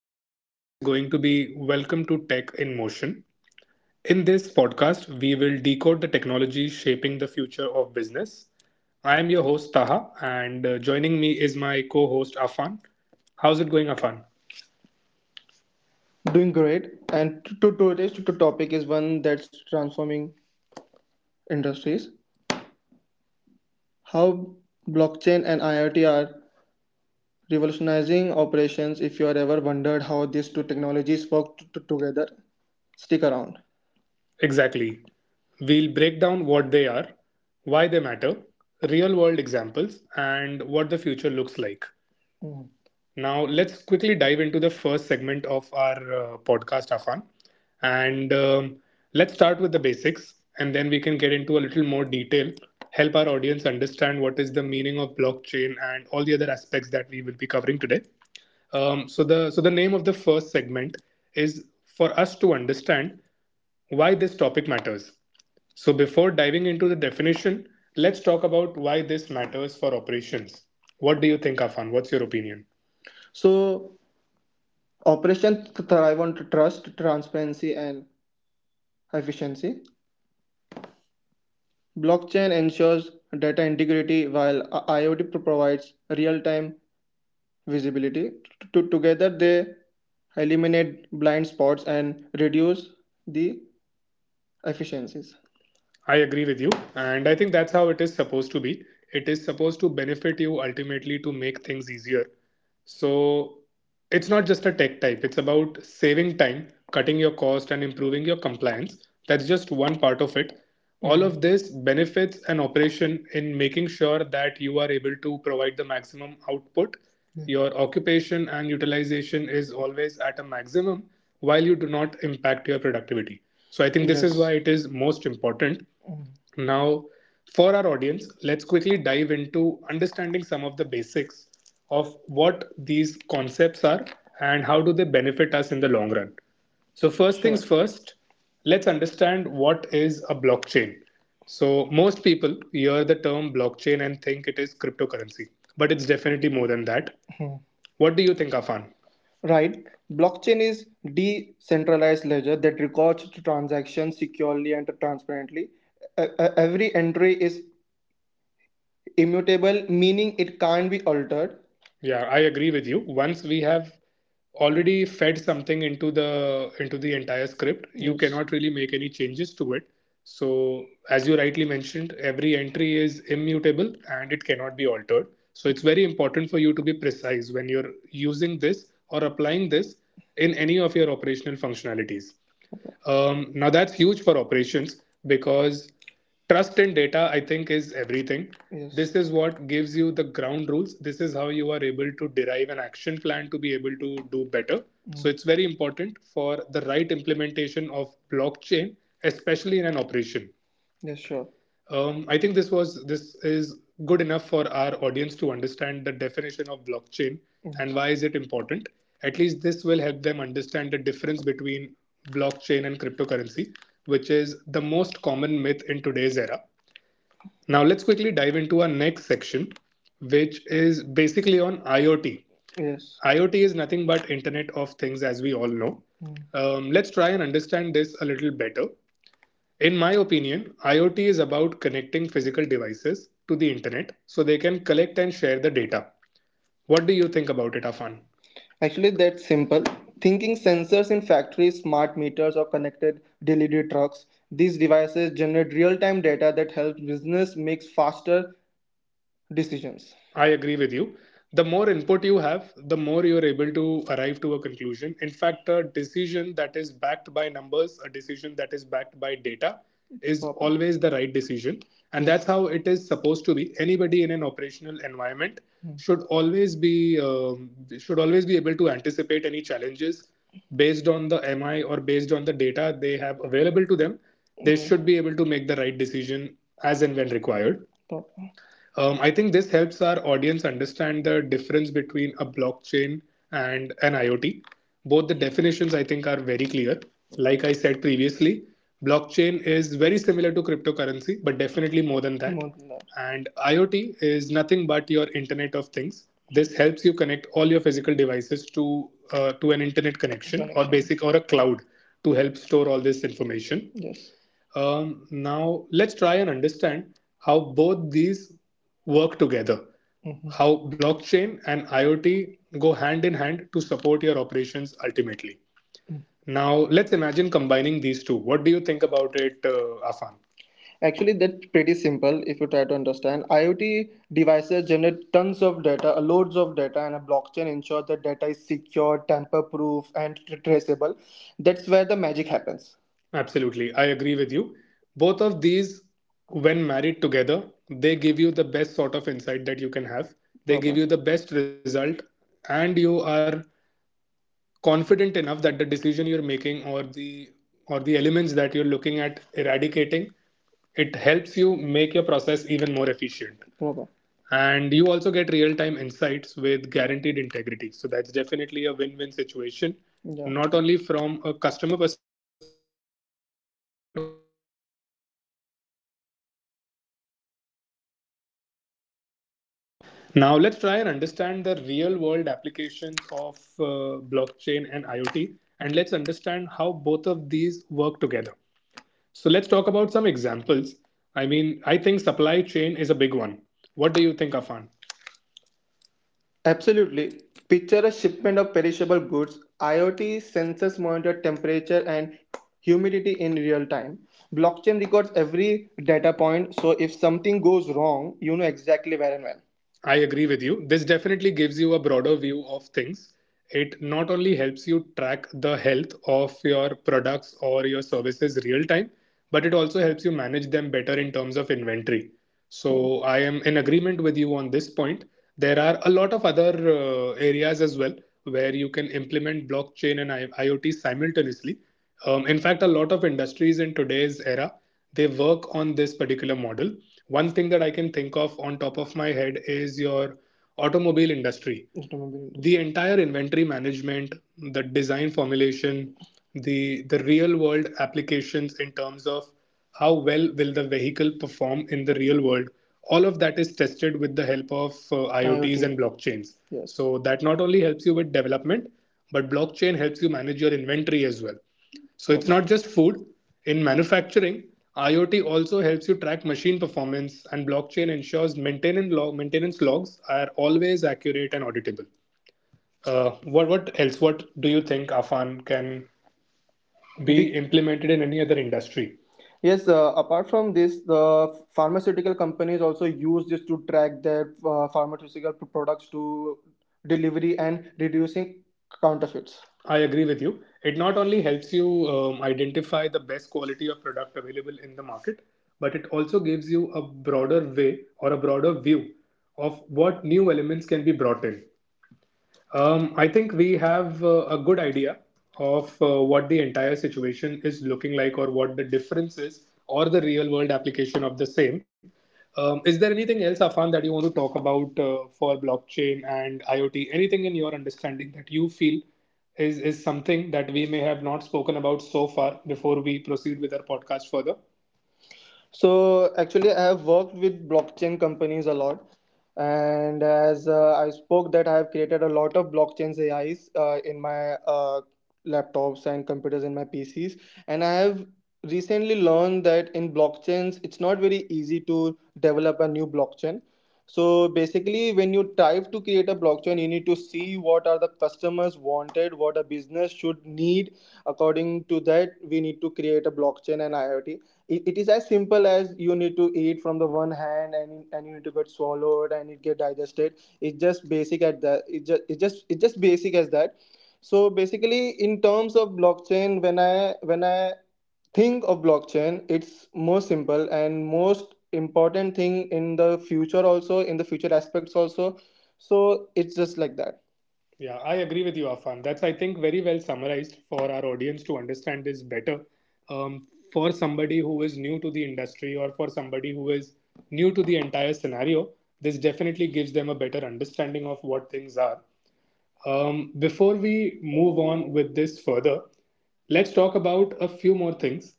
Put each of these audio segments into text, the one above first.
Our topic is going to be welcome to Tech in Motion. In this podcast, we will decode the technology shaping the future of business. I am your host, Taha, and joining me is my co host, Afan. How's it going, Afan? Doing great. And to today's to topic is one that's transforming industries. How blockchain and IoT are revolutionizing operations. If you are ever wondered how these two technologies work together, stick around. Exactly. We'll break down what they are, why they matter, real world examples, and what the future looks like. Now, let's quickly dive into the first segment of our podcast, Afan. And let's start with the basics, and then we can get into a little more detail, help our audience understand what is the meaning of blockchain and all the other aspects that we will be covering today. So the name of the first segment is for us to understand why this topic matters. So before diving into the definition, let's talk about why this matters for operations. What do you think, Afan? What's your opinion? So operations thrive on trust, transparency, and efficiency. Blockchain ensures data integrity while IoT provides real time visibility. Together, they eliminate blind spots and reduce the efficiencies. I agree with you. And I think that's how it is supposed to be. It is supposed to benefit you ultimately to make things easier. So it's not just a tech type, it's about saving time, cutting your cost, and improving your compliance. That's just one part of it. All mhm. of this benefits an operation in making sure that you are able to provide the maximum output. Yeah. Your occupation and utilization is always at a maximum while you do not impact your productivity. So I think this is yes. why it is most important. Now, for our audience, let's quickly dive into understanding some of the basics of what these concepts are and how do they benefit us in the long run. So, first sure. things first, let's understand what is a blockchain. So, most people hear the term blockchain and think it is cryptocurrency, but it's definitely more than that. Mhm. What do you think, Afan? Right. Blockchain is decentralized ledger that records transactions securely and transparently. Every entry is immutable meaning it can't be altered. Yeah, I agree with you. Once we have already fed something into the entire script, you yes. cannot really make any changes to it. So, as you rightly mentioned, every entry is immutable and it cannot be altered. So, it's very important for you to be precise when you're using this or applying this in any of your operational functionalities. Now that's huge for operations because trust in data, I think, is everything. Yes. This is what gives you the ground rules. This is how you are able to derive an action plan to be able to do better. Mm. So it's very important for the right implementation of blockchain, especially in an operation. Yes, sure. I think this is good enough for our audience to understand the definition of blockchain and why is it important. At least this will help them understand the difference between blockchain and cryptocurrency, which is the most common myth in today's era. Now let's quickly dive into our next section, which is basically on IoT. Yes. IoT is nothing but Internet of Things, as we all know. Mm. Let's try and understand this a little better. In my opinion, IoT is about connecting physical devices to the internet so they can collect and share the data. What do you think about it, Afan? Actually, that's simple. Thinking sensors in factories, smart meters, or connected delivery trucks, these devices generate real time data that helps business make faster decisions. I agree with you. The more input you have, the more you're able to arrive to a conclusion. In fact, a decision that is backed by numbers, a decision that is backed by data, is always the right decision. And that's how it is supposed to be. Anybody in an operational environment hmm. Should always be able to anticipate any challenges based on the MI or based on the data they have available to them. They yes. should be able to make the right decision as and when required. Proper. I think this helps our audience understand the difference between a blockchain and an IoT. Both the definitions, I think, are very clear. Like I said previously, blockchain is very similar to cryptocurrency, but definitely more than that. More than that. And IoT is nothing but your Internet of Things. This helps you connect all your physical devices to an internet connection or basic or a cloud to help store all this information. Yes. Now, let's try and understand how both these work together. Mhm. How blockchain and IoT go hand in hand to support your operations ultimately. Mm-hmm. Now, let's imagine combining these two. What do you think about it, Afan? Actually, that's pretty simple if you try to understand. IoT devices generate tons of data, loads of data, and a blockchain ensures that data is secure, tamper proof, and traceable. That's where the magic happens. Absolutely, I agree with you. Both of these, when married together, they give you the best sort of insight that you can have. They give okay. you the best result, and you are confident enough that the decision you're making or the elements that you're looking at eradicating it helps you make your process even more efficient bravo. And you also get real time insights with guaranteed integrity, so that's definitely a win win situation yeah. not only from a customer perspective but Now let's try and understand the real world applications of blockchain and IoT, and let's understand how both of these work together. So let's talk about some examples. I mean, I think supply chain is a big one. What do you think, Afan? Absolutely. Picture a shipment of perishable goods. IoT sensors monitor temperature and humidity in real time. Blockchain records every data point, so if something goes wrong, you know exactly where and when. I agree with you. This definitely gives you a broader view of things. It not only helps you track the health of your products or your services real time, but it also helps you manage them better in terms of inventory. So I am in agreement with you on this point. There are a lot of other areas as well where you can implement blockchain and IoT simultaneously. In fact, a lot of industries in today's era they work on this particular model. One thing that I can think of on top of my head is your automobile industry. Automobile. The entire inventory management, the design formulation, the real world applications in terms of how well will the vehicle perform in the real world. All of that is tested with the help of IoT and blockchains. Yes. So that not only helps you with development, but blockchain helps you manage your inventory as well. So it's not just food. In manufacturing, IoT also helps you track machine performance, and blockchain ensures maintenance logs are always accurate and auditable. What else? What do you think, Afan, can be the, implemented in any other industry? Yes, apart from this, the pharmaceutical companies also use this to track their pharmaceutical products to delivery and reducing counterfeits. I agree with you. It not only helps you identify the best quality of product available in the market, but it also gives you a broader way or a broader view of what new elements can be brought in. I think we have a good idea of what the entire situation is looking like or what the difference is or the real world application of the same. Is there anything else, Afan, that you want to talk about for blockchain and IoT? Anything in your understanding that you feel is something that we may have not spoken about so far before we proceed with our podcast further? So actually, I have worked with blockchain companies a lot, and as I spoke that I have created a lot of blockchains AIs in my laptops and computers, in my PCs, and I have recently learned that in blockchains it's not very easy to develop a new blockchain. So basically, when you type to create a blockchain, you need to see what are the customers wanted, what a business should need. According to that, we need to create a blockchain and IoT. It is as simple as you need to eat from the one hand, and you need to get swallowed and it get digested. It's just basic at that. It's just basic as that. So basically, in terms of blockchain, when I think of blockchain, it's more simple and most important thing in the future, also in the future aspects also. So it's just like that. Yeah, I agree with you, Afan. That's, I think, very well summarized for our audience to understand this better. For somebody who is new to the industry or for somebody who is new to the entire scenario, this definitely gives them a better understanding of what things are. Before we move on with this further, let's talk about a few more things,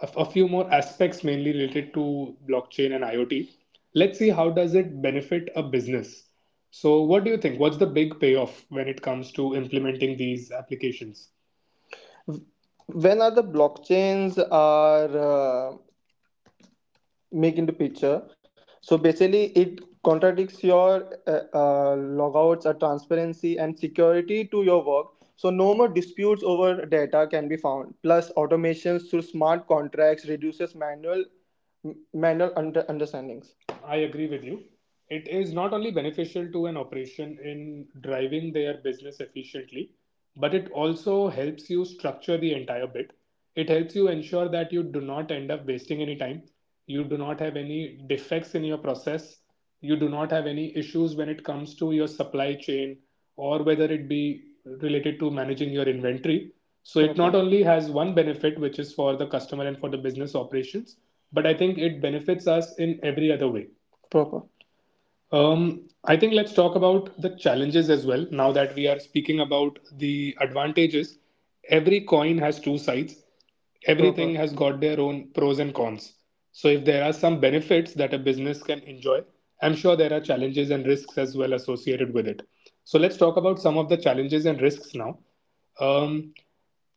a few more aspects mainly related to blockchain and IoT. Let's see how does it benefit a business. So what do you think? What's the big payoff when it comes to implementing these applications? When are the blockchains are make into picture, so basically it contradicts your logouts or transparency and security to your work. So no more disputes over data can be found, plus automations through smart contracts reduces manual manual understandings. I agree with you. It is not only beneficial to an operation in driving their business efficiently, but it also helps you structure the entire bit. It helps you ensure that you do not end up wasting any time, you do not have any defects in your process, you do not have any issues when it comes to your supply chain or whether it be related to managing your inventory. So it not only has one benefit which is for the customer and for the business operations, but I think it benefits us in every other way proper. I think let's talk about the challenges as well. Now that we are speaking about the advantages, every coin has two sides. Uh-huh. Everything Uh-huh. has got their own pros and cons. So, if there are some benefits that a business can enjoy, I'm sure there are challenges and risks as well associated with it. So, let's talk about some of the challenges and risks now. Um,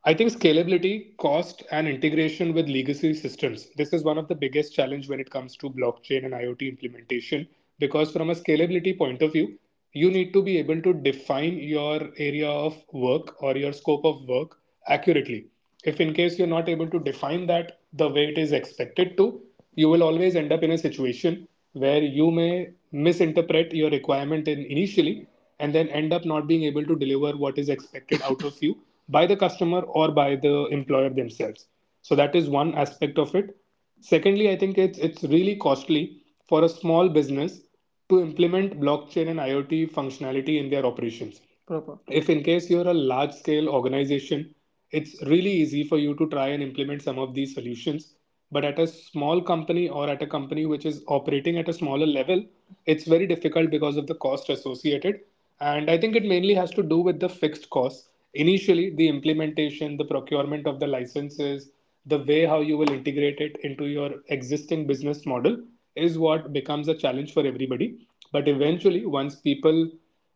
I think scalability, cost, and integration with legacy systems. This is one of the biggest challenge when it comes to blockchain and IoT implementation, because from a scalability point of view, you need to be able to define your area of work or your scope of work accurately. If in case you're not able to define that the way it is expected to, you will always end up in a situation where you may misinterpret your requirement in initially and then end up not being able to deliver what is expected out of you by the customer or by the employer themselves. So that is one aspect of it. Secondly, I think it's really costly for a small business to implement blockchain and IoT functionality in their operations proper. If in case you're a large scale organization, it's really easy for you to try and implement some of these solutions, but at a small company or at a company which is operating at a smaller level, it's very difficult because of the cost associated. And I think it mainly has to do with the fixed costs initially, the implementation, the procurement of the licenses, the way how you will integrate it into your existing business model is what becomes a challenge for everybody. But eventually, once people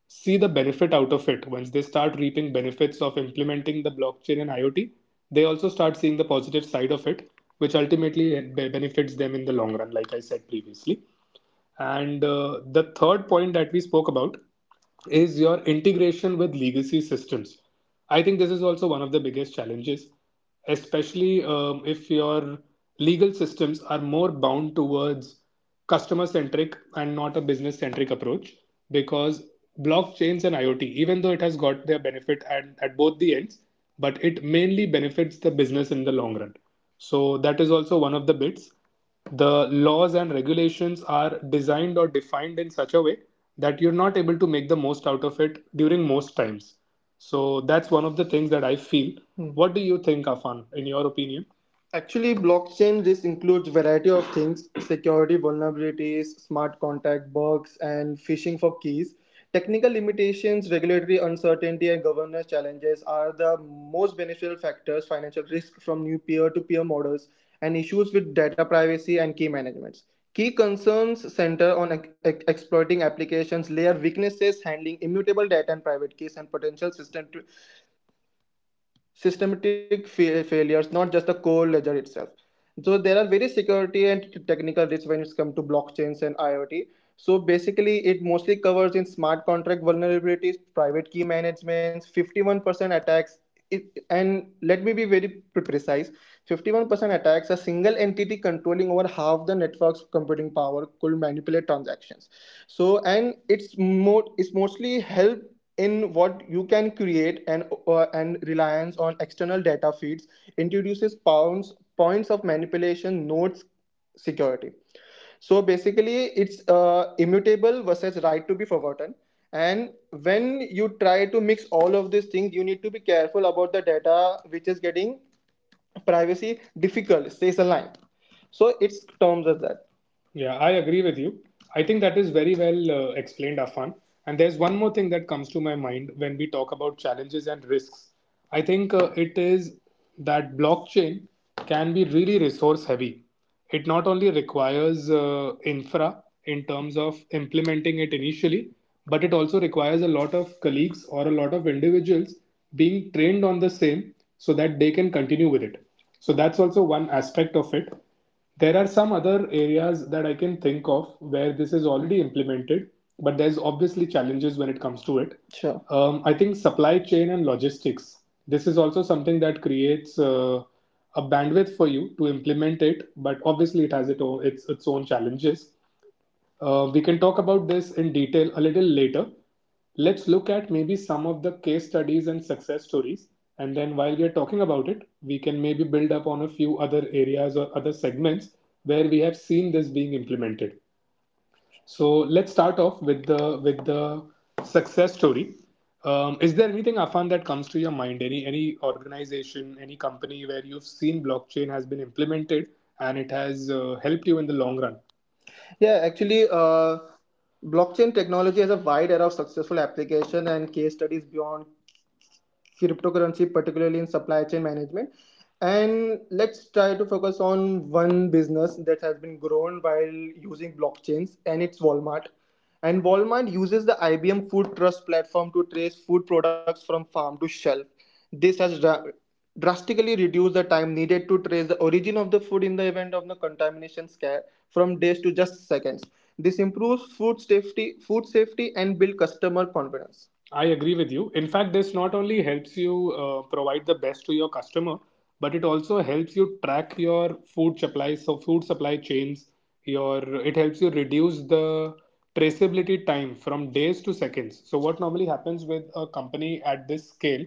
see the benefit out of it. Once they start reaping benefits of implementing the blockchain and IoT, they also start seeing the positive side of it, which ultimately benefits them in the long run, like I said previously. And the third point that we spoke about is your integration with legacy systems. I think this is also one of the biggest challenges, especially if your legal systems are more bound towards customer centric and not a business centric approach. Because blockchains and IoT, even though it has got their benefit at both the ends, but it mainly benefits the business in the long run. So that is also one of the bits. The laws and regulations are designed or defined in such a way that you're not able to make the most out of it during most times. So that's one of the things that I feel. Hmm. What do you think, Afan, in your opinion? Actually, blockchain just includes variety of things: security vulnerabilities, smart contract bugs, and phishing for keys. Technical limitations, regulatory uncertainty, and governance challenges are the most beneficial factors. Financial risk from new peer-to-peer models and issues with data privacy and key management. Key concerns center on exploiting applications layer weaknesses, handling immutable data and private keys, and potential systematic failures, not just the core ledger itself. So there are various security and technical risks when it's come to blockchains and IoT. So basically, it mostly covers in smart contract vulnerabilities, private key management, 51% attacks. It, and let me be very precise, 51% attacks, a single entity controlling over half the network's computing power could manipulate transactions. So and it's more, it's mostly help in what you can create, and reliance on external data feeds introduces pounds points of manipulation, nodes security. So basically it's immutable versus right to be forgotten, and when you try to mix all of these things, you need to be careful about the data which is getting privacy difficult stays aligned. So it's terms as that. Yeah, I agree with you. I think that is very well explained, Afan. And there's one more thing that comes to my mind when we talk about challenges and risks. I think it is that blockchain can be really resource heavy. It not only requires infra in terms of implementing it initially, but it also requires a lot of colleagues or a lot of individuals being trained on the same so that they can continue with it. So that's also one aspect of it. There are some other areas that I can think of where this is already implemented, but there's obviously challenges when it comes to it. Sure. I think supply chain and logistics. This is also something that creates a bandwidth for you to implement it, but obviously it has its own challenges. We can talk about this in detail a little later. Let's look at maybe some of the case studies and success stories. And then while we're talking about it, we can maybe build up on a few other areas or other segments where we have seen this being implemented. So let's start off with the success story. Is there anything, Afan, that comes to your mind? Any organization, any company where you've seen blockchain has been implemented and it has helped you in the long run? Yeah, actually, blockchain technology has a wide array of successful application and case studies beyond cryptocurrency, particularly in supply chain management. And let's try to focus on one business that has been grown while using blockchains, and it's Walmart. And Walmart uses the IBM Food Trust platform to trace food products from farm to shelf. This has drastically reduced the time needed to trace the origin of the food in the event of the contamination scare from days to just seconds. This improves food safety, and build customer confidence. I agree with you. In fact, this not only helps you provide the best to your customer, but it also helps you track your food supplies. So, food supply chains. Your it helps you reduce the traceability time from days to seconds. So, what normally happens with a company at this scale?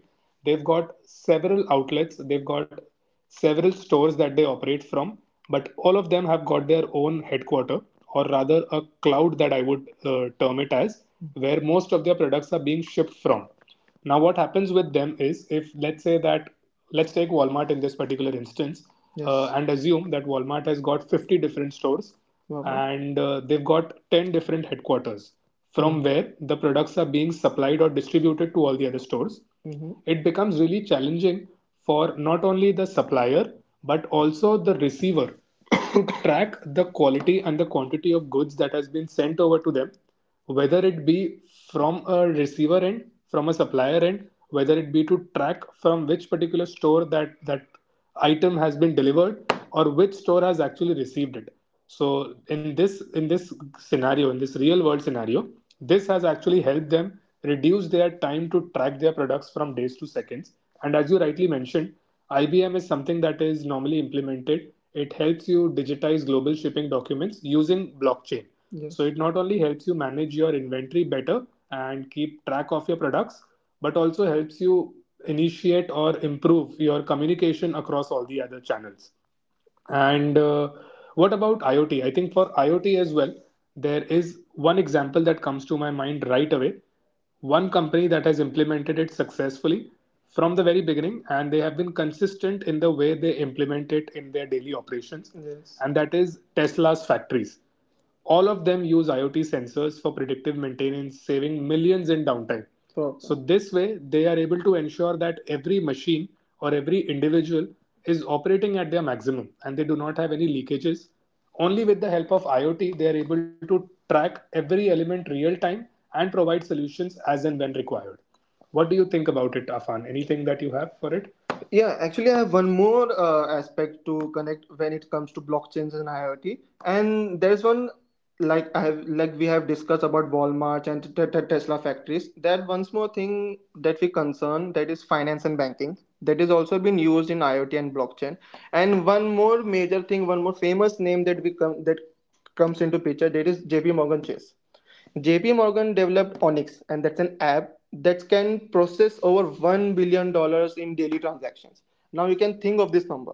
They've got several outlets, they've got several stores that they operate from, but all of them have got their own headquarter, or rather, a cloud that I would term it as, where most of their products are being shipped from. Now, what happens with them is if, let's say, that let's take Walmart in this particular instance, yes. Yes. And assume that Walmart has got 50 different stores. Wow. And they've got 10 different headquarters from Mm. where the products are being supplied or distributed to all the other stores. Mhm. It becomes really challenging for not only the supplier but also the receiver to track the quality and the quantity of goods that has been sent over to them, whether it be from a receiver end, from a supplier end, whether it be to track from which particular store that item has been delivered or which store has actually received it. So in this in this in this real world scenario, this has actually helped them reduce their time to track their products from days to seconds. And as you rightly mentioned, IBM is something that is normally implemented. It helps you digitize global shipping documents using blockchain. Yes. So it not only helps you manage your inventory better and keep track of your products, but also helps you initiate or improve your communication across all the other channels. And what about IoT? I think for IoT as well, there is one example that comes to my mind right away. One company that has implemented it successfully from the very beginning, and they have been consistent in the way they implement it in their daily operations, yes. And that is Tesla's factories. All of them use IoT sensors for predictive maintenance, saving millions in downtime. Perfect. So, this way, they are able to ensure that every machine or every individual is operating at their maximum and they do not have any leakages. Only with the help of IoT, they are able to track every element real time and provide solutions as and when required. What do you think about it, Afan? Anything that you have for it? Yeah, actually, I have one more aspect to connect when it comes to blockchains and IoT, and there's one like I have like we have discussed about Walmart and Tesla factories. That once more thing that we concern, that is finance and banking, that is also been used in IoT and blockchain. And one more major thing, one more famous name that comes into picture, that is JP Morgan Chase. JP Morgan developed Onyx, and that's an app that can process over $1 billion dollars in daily transactions. Now you can think of this number.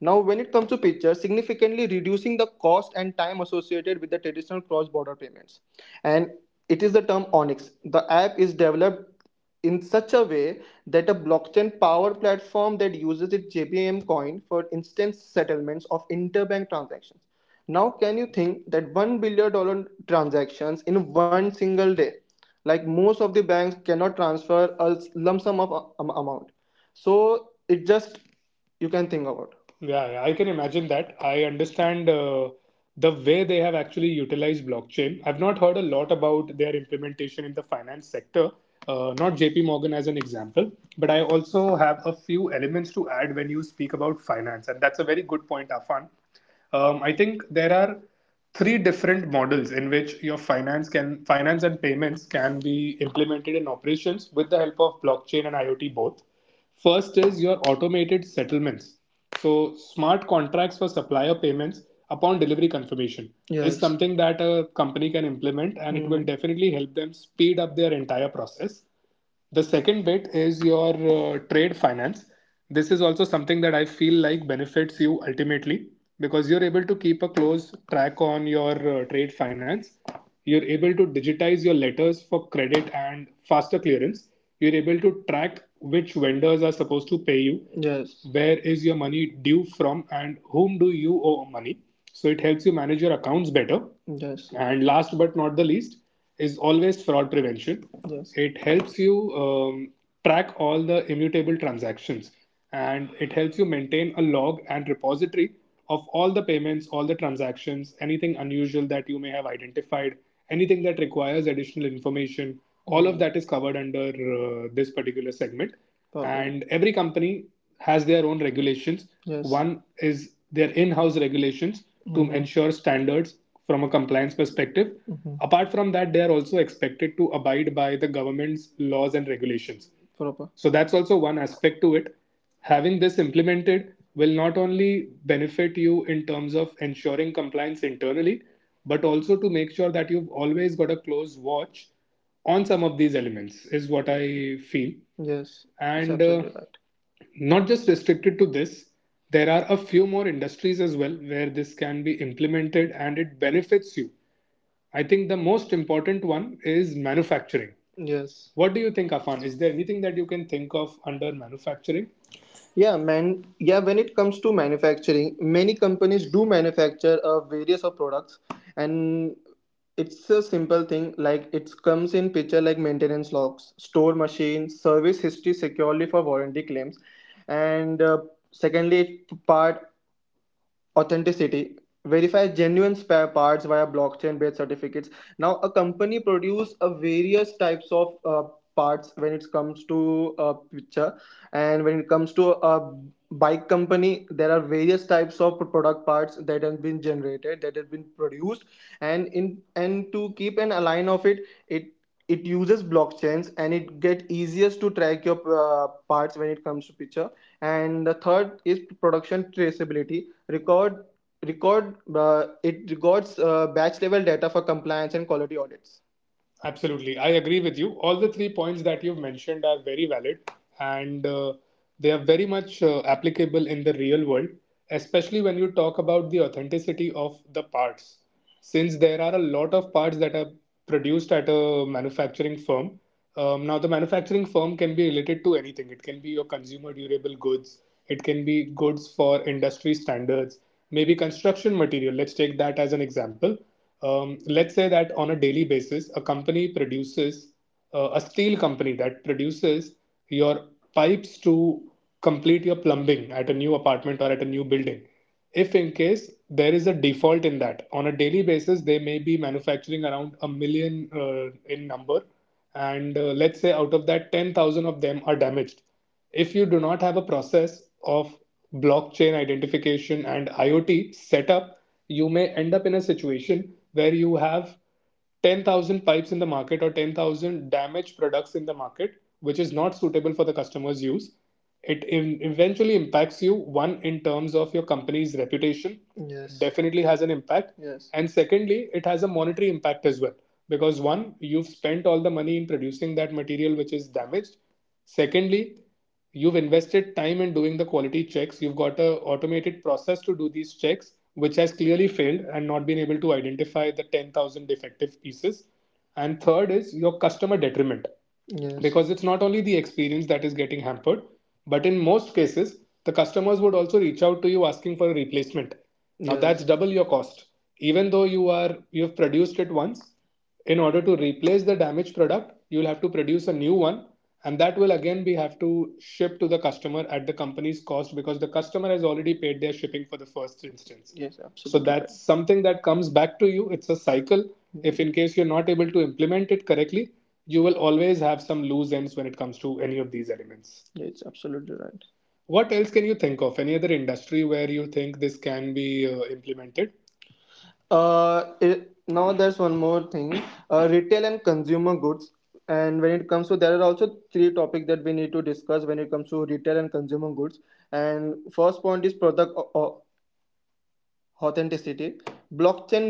Now, when it comes to pictures, significantly reducing the cost and time associated with the traditional cross border payments. And it is the term Onyx. The app is developed in such a way that a blockchain power platform that uses its JBM coin for instance settlements of interbank transactions. Now, can you think that $1 billion transactions in one single day? Like most of the banks cannot transfer a lump sum of amount, so it just you can think about. Yeah, yeah, I can imagine that. I understand the way they have actually utilized blockchain. I've not heard a lot about their implementation in the finance sector, not JP Morgan as an example, but I also have a few elements to add when you speak about finance, and that's a very good point, Afan. I think there are three different models in which your finance can finance and payments can be implemented in operations with the help of blockchain and IoT both. First is your automated settlements. So smart contracts for supplier payments upon delivery confirmation, yes. Is Yes. something that a company can implement and, mm-hmm. it will Mm. definitely help them speed up their entire process. The second bit is your trade finance. This is also something that I feel like benefits you ultimately because you're able to keep a close track on your trade finance. You're able to digitize your letters for credit and faster clearance. You're able to track which vendors are supposed to pay you, yes, where is your money due from, and whom do you owe money. So it helps you manage your accounts better. Yes. And last but not the least is always fraud prevention. Yes. It helps you track all the immutable transactions and it helps you maintain a log and repository of all the payments, all the transactions, anything unusual that you may have identified, anything that requires additional information. All of that is covered under this particular segment. Perfect. And every company has their own regulations. Yes. One is their in house regulations, mm-hmm. to ensure standards from a compliance perspective. Mm-hmm. Apart from that, they are also expected to abide by the government's laws and regulations. Proper. So that's also one aspect to it. Having this implemented will not only benefit you in terms of ensuring compliance internally, but also to make sure that you've always got a close watch on some of these elements, is what I feel. Yes, it's. And absolutely right. Not just restricted to this, there are a few more industries as well where this can be implemented and it benefits you. I think the most important one is manufacturing. Yes. What do you think, Afan? Is there anything that you can think of under manufacturing? Yeah, man. Yeah, when it comes to manufacturing, many companies do manufacture various of products, and it's a simple thing like it comes in picture like maintenance logs, store machine, service history securely for warranty claims, and secondly, it part authenticity verify genuine spare parts via blockchain based certificates. Now a company produce a various types of parts when it comes to a picture, and when it comes to a bike company, there are various types of product parts that have been generated, that have been produced, and in and to keep an align of it, it it uses blockchains and it get easiest to track your parts when it comes to picture. And the third is production traceability record record it records batch level data for compliance and quality audits. Absolutely. I agree with you. All the three points that you've mentioned are very valid and they are very much applicable in the real world, especially when you talk about the authenticity of the parts. Since there are a lot of parts that are produced at a manufacturing firm, now, the manufacturing firm can be related to anything. It can be your consumer durable goods. It can be goods for industry standards. Maybe construction material. Let's take that as an example. Let's say that on a daily basis, a steel company that produces your pipes to complete your plumbing at a new apartment or at a new building, if in case there is a default in that, on a daily basis they may be manufacturing around a million in number, and let's say out of that 10,000 of them are damaged. If you do not have a process of blockchain identification and IoT set up you may end up in a situation where you have 10,000 pipes in the market or 10,000 damaged products in the market, which is not suitable for the customer's use. Eventually, impacts you, one, in terms of your company's reputation. Yes, definitely has an impact. Yes. And secondly, it has a monetary impact as well. Because one, you've spent all the money in producing that material which is damaged. Secondly, you've invested time in doing the quality checks, you've got a automated process to do these checks which has clearly failed and not been able to identify the 10,000 defective pieces, and third is your customer detriment. Yes. Because it's not only the experience that is getting hampered, but in most cases, the customers would also reach out to you asking for a replacement. Now that's, yes, double your cost. Even though you are you have produced it once, in order to replace the damaged product, you'll have to produce a new one, and that will again be have to ship to the customer at the company's cost because the customer has already paid their shipping for the first instance. Yes. So absolutely that's correct. Something that comes back to you. It's a cycle. Yeah. If in case you're not able to implement it correctly, you will always have some loose ends when it comes to any of these elements. Yeah, it's absolutely right. What else can you think of? Any other industry where you think this can be implemented? Now there's one more thing. Retail and consumer goods. And when it comes to, there are also three topics that we need to discuss when it comes to retail and consumer goods. And first point is product authenticity, blockchain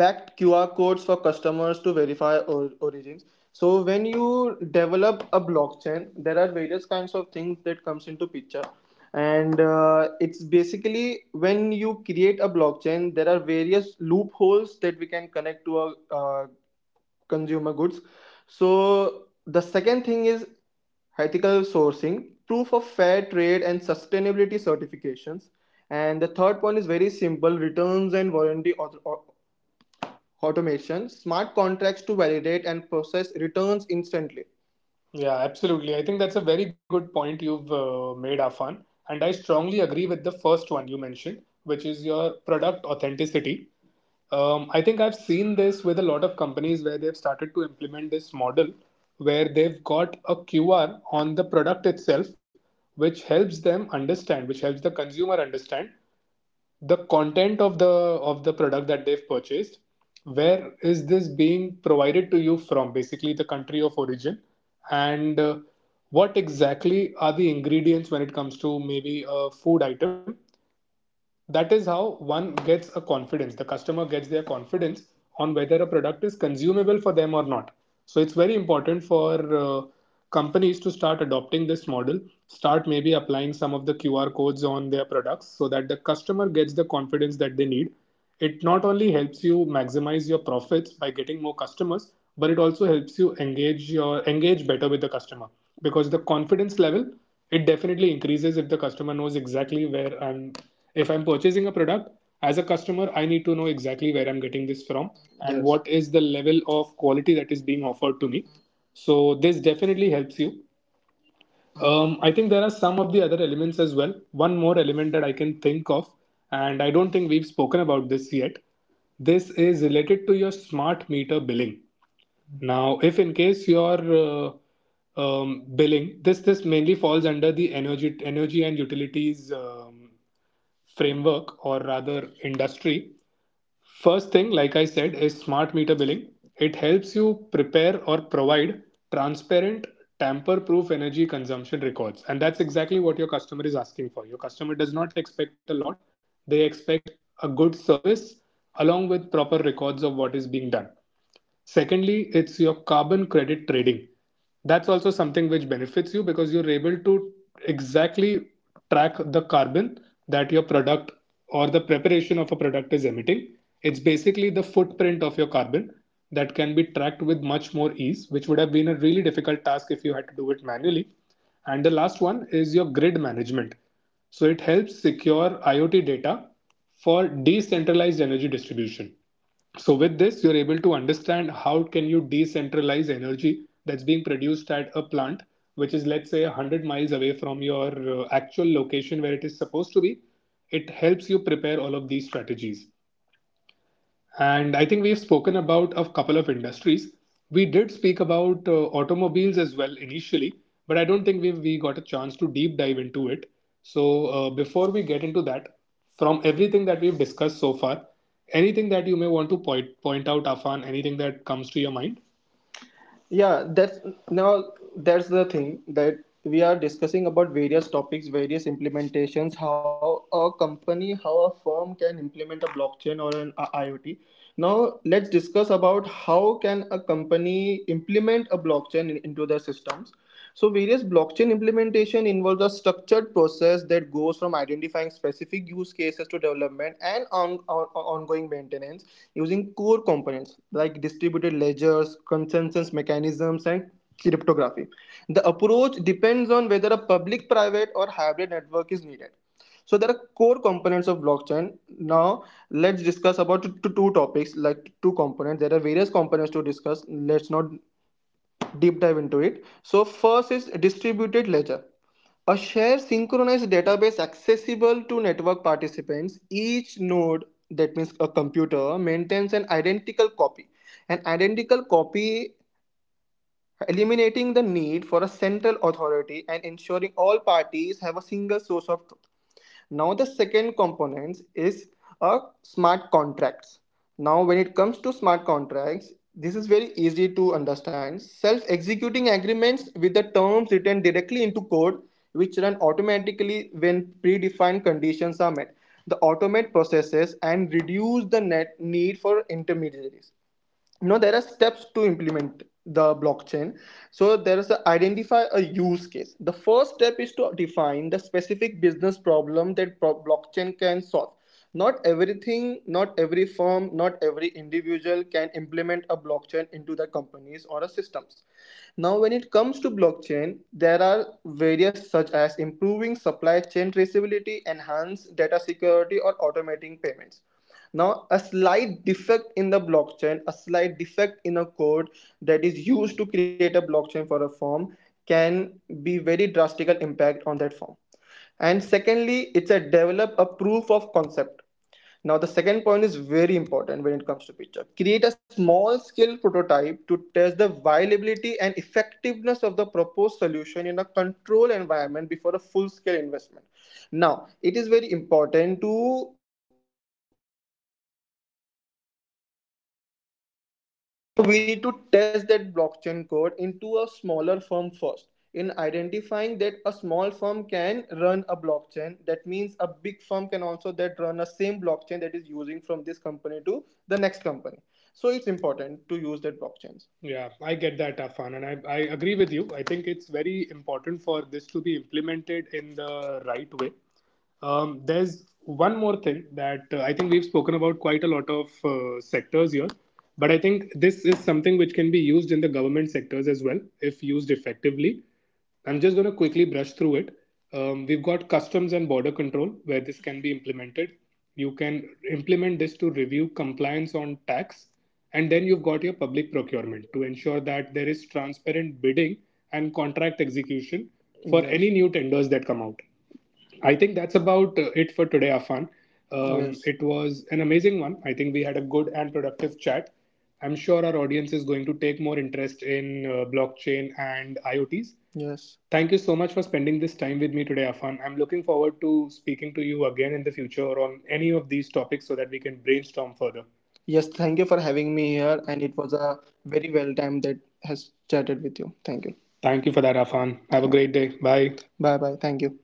backed QR codes for customers to verify or origins. So when you develop a blockchain, there are various kinds of things that comes into picture, and it's basically when you create a blockchain, there are various loopholes that we can connect to a consumer goods. So the second thing is ethical sourcing, proof of fair trade and sustainability certifications. And the third point is very simple, returns and warranty automation, smart contracts to validate and process returns instantly. Yeah, absolutely. I think that's a very good point you've made, Afan. And I strongly agree with the first one you mentioned, which is your product authenticity. I think I've seen this with a lot of companies where they've started to implement this model where they've got a QR on the product itself, which helps them understand, which helps the consumer understand the content of the product that they've purchased, where is this being provided to you from, basically the country of origin, and what exactly are the ingredients when it comes to maybe a food item. That is how one gets a confidence, the customer gets their confidence on whether a product is consumable for them or not. So it's very important for companies to start adopting this model, start maybe applying some of the QR codes on their products so that the customer gets the confidence that they need. It not only helps you maximize your profits by getting more customers, but it also helps you engage better with the customer because the confidence level, it definitely increases. If the customer knows exactly where I'm, if I'm purchasing a product as a customer, I need to know exactly where I'm getting this from, and yes, what is the level of quality that is being offered to me. So this definitely helps you. I think there are some of the other elements as well. One more element that I can think of, and I don't think we've spoken about this yet. This is related to your smart meter billing. Now, if in case your billing, this mainly falls under the energy and utilities framework, or rather industry. First thing, like I said, is smart meter billing. It helps you prepare or provide transparent, tamper proof energy consumption records. And that's exactly what your customer is asking for. Your customer does not expect a lot, they expect a good service along with proper records of what is being done. Secondly, it's your carbon credit trading. That's also something which benefits you because you're able to exactly track the carbon that your product or the preparation of a product is emitting. It's basically the footprint of your carbon that can be tracked with much more ease, which would have been a really difficult task if you had to do it manually. And the last one is your grid management. So it helps secure IoT data for decentralized energy distribution. So with this, you're able to understand how can you decentralize energy that's being produced at a plant which is, let's say, 100 miles away from your actual location where it is supposed to be. It helps you prepare all of these strategies. And I think we've spoken about a couple of industries. We did speak about automobiles as well initially, but I don't think we got a chance to deep dive into it. So before we get into that, from everything that we've discussed so far, anything that you may want to point out, Afan, anything that comes to your mind? Yeah, that's, now that's the thing that we are discussing about, various topics, various implementations, how a company, how a firm can implement a blockchain or an IoT. Now let's discuss about how can a company implement a blockchain into their systems. So various blockchain implementation involves a structured process that goes from identifying specific use cases to development and ongoing maintenance using core components like distributed ledgers, consensus mechanisms, and cryptography. The approach depends on whether a public, private, or hybrid network is needed. So there are core components of blockchain. Now let's discuss about two topics, like two components. There are various components to discuss. Let's not deep dive into it. So, first is distributed ledger. A shared synchronized database accessible to network participants. Each node, that means a computer, maintains an identical copy. An identical copy eliminating the need for a central authority and ensuring all parties have a single source of truth. Now the second component is a smart contracts. Now when it comes to smart contracts, this is very easy to understand. Self executing agreements with the terms written directly into code, which run automatically when predefined conditions are met. The automate processes and reduce the net need for intermediaries. Now there are steps to implement the blockchain. So there is a identify a use case. The first step is to define the specific business problem that blockchain can solve. Not everything, not every firm, not every individual can implement a blockchain into their companies or systems. Now when it comes to blockchain, there are various, such as improving supply chain traceability, enhance data security, or automating payments. Now, a slight defect in the blockchain, a slight defect in a code that is used to create a blockchain for a firm, can be very drastical impact on that firm. And secondly, it's a develop a proof of concept. Now, the second point is very important when it comes to picture. Create a small scale prototype to test the viability and effectiveness of the proposed solution in a controlled environment before a full scale investment. Now, it is very important to see that blockchain code into a smaller firm first. In identifying that a small firm can run a blockchain, that means a big firm can also that run a same blockchain that is using from this company to the next company. So it's important to use that blockchains. Yeah, I get that, Afan, and I agree with you. I think it's very important for to be implemented in the right way. There's one more thing that I think we've spoken about quite a lot of sectors here, but I think this is something which can be used in the government sectors as well if used effectively. I'm just going to quickly brush through it. We've got customs and border control where this can be implemented. You can implement this to review compliance on tax, and then you've got your public procurement to ensure that there is transparent bidding and contract execution for yes. any new tenders that come out. I think that's about it for today, Afan. Yes. it was an amazing one. I think we had a good and productive chat. I'm sure our audience is going to take more interest in blockchain and IoTs. Yes. Thank you so much for spending this time with me today, Afan. I'm looking forward to speaking to you again in the future on any of these topics so that we can brainstorm further. Yes. Thank you for having me here, and it was a very well time that has chatted with you. Thank you. Thank you for that, Afan. Have a yeah. great day. Bye. Bye bye. Thank you.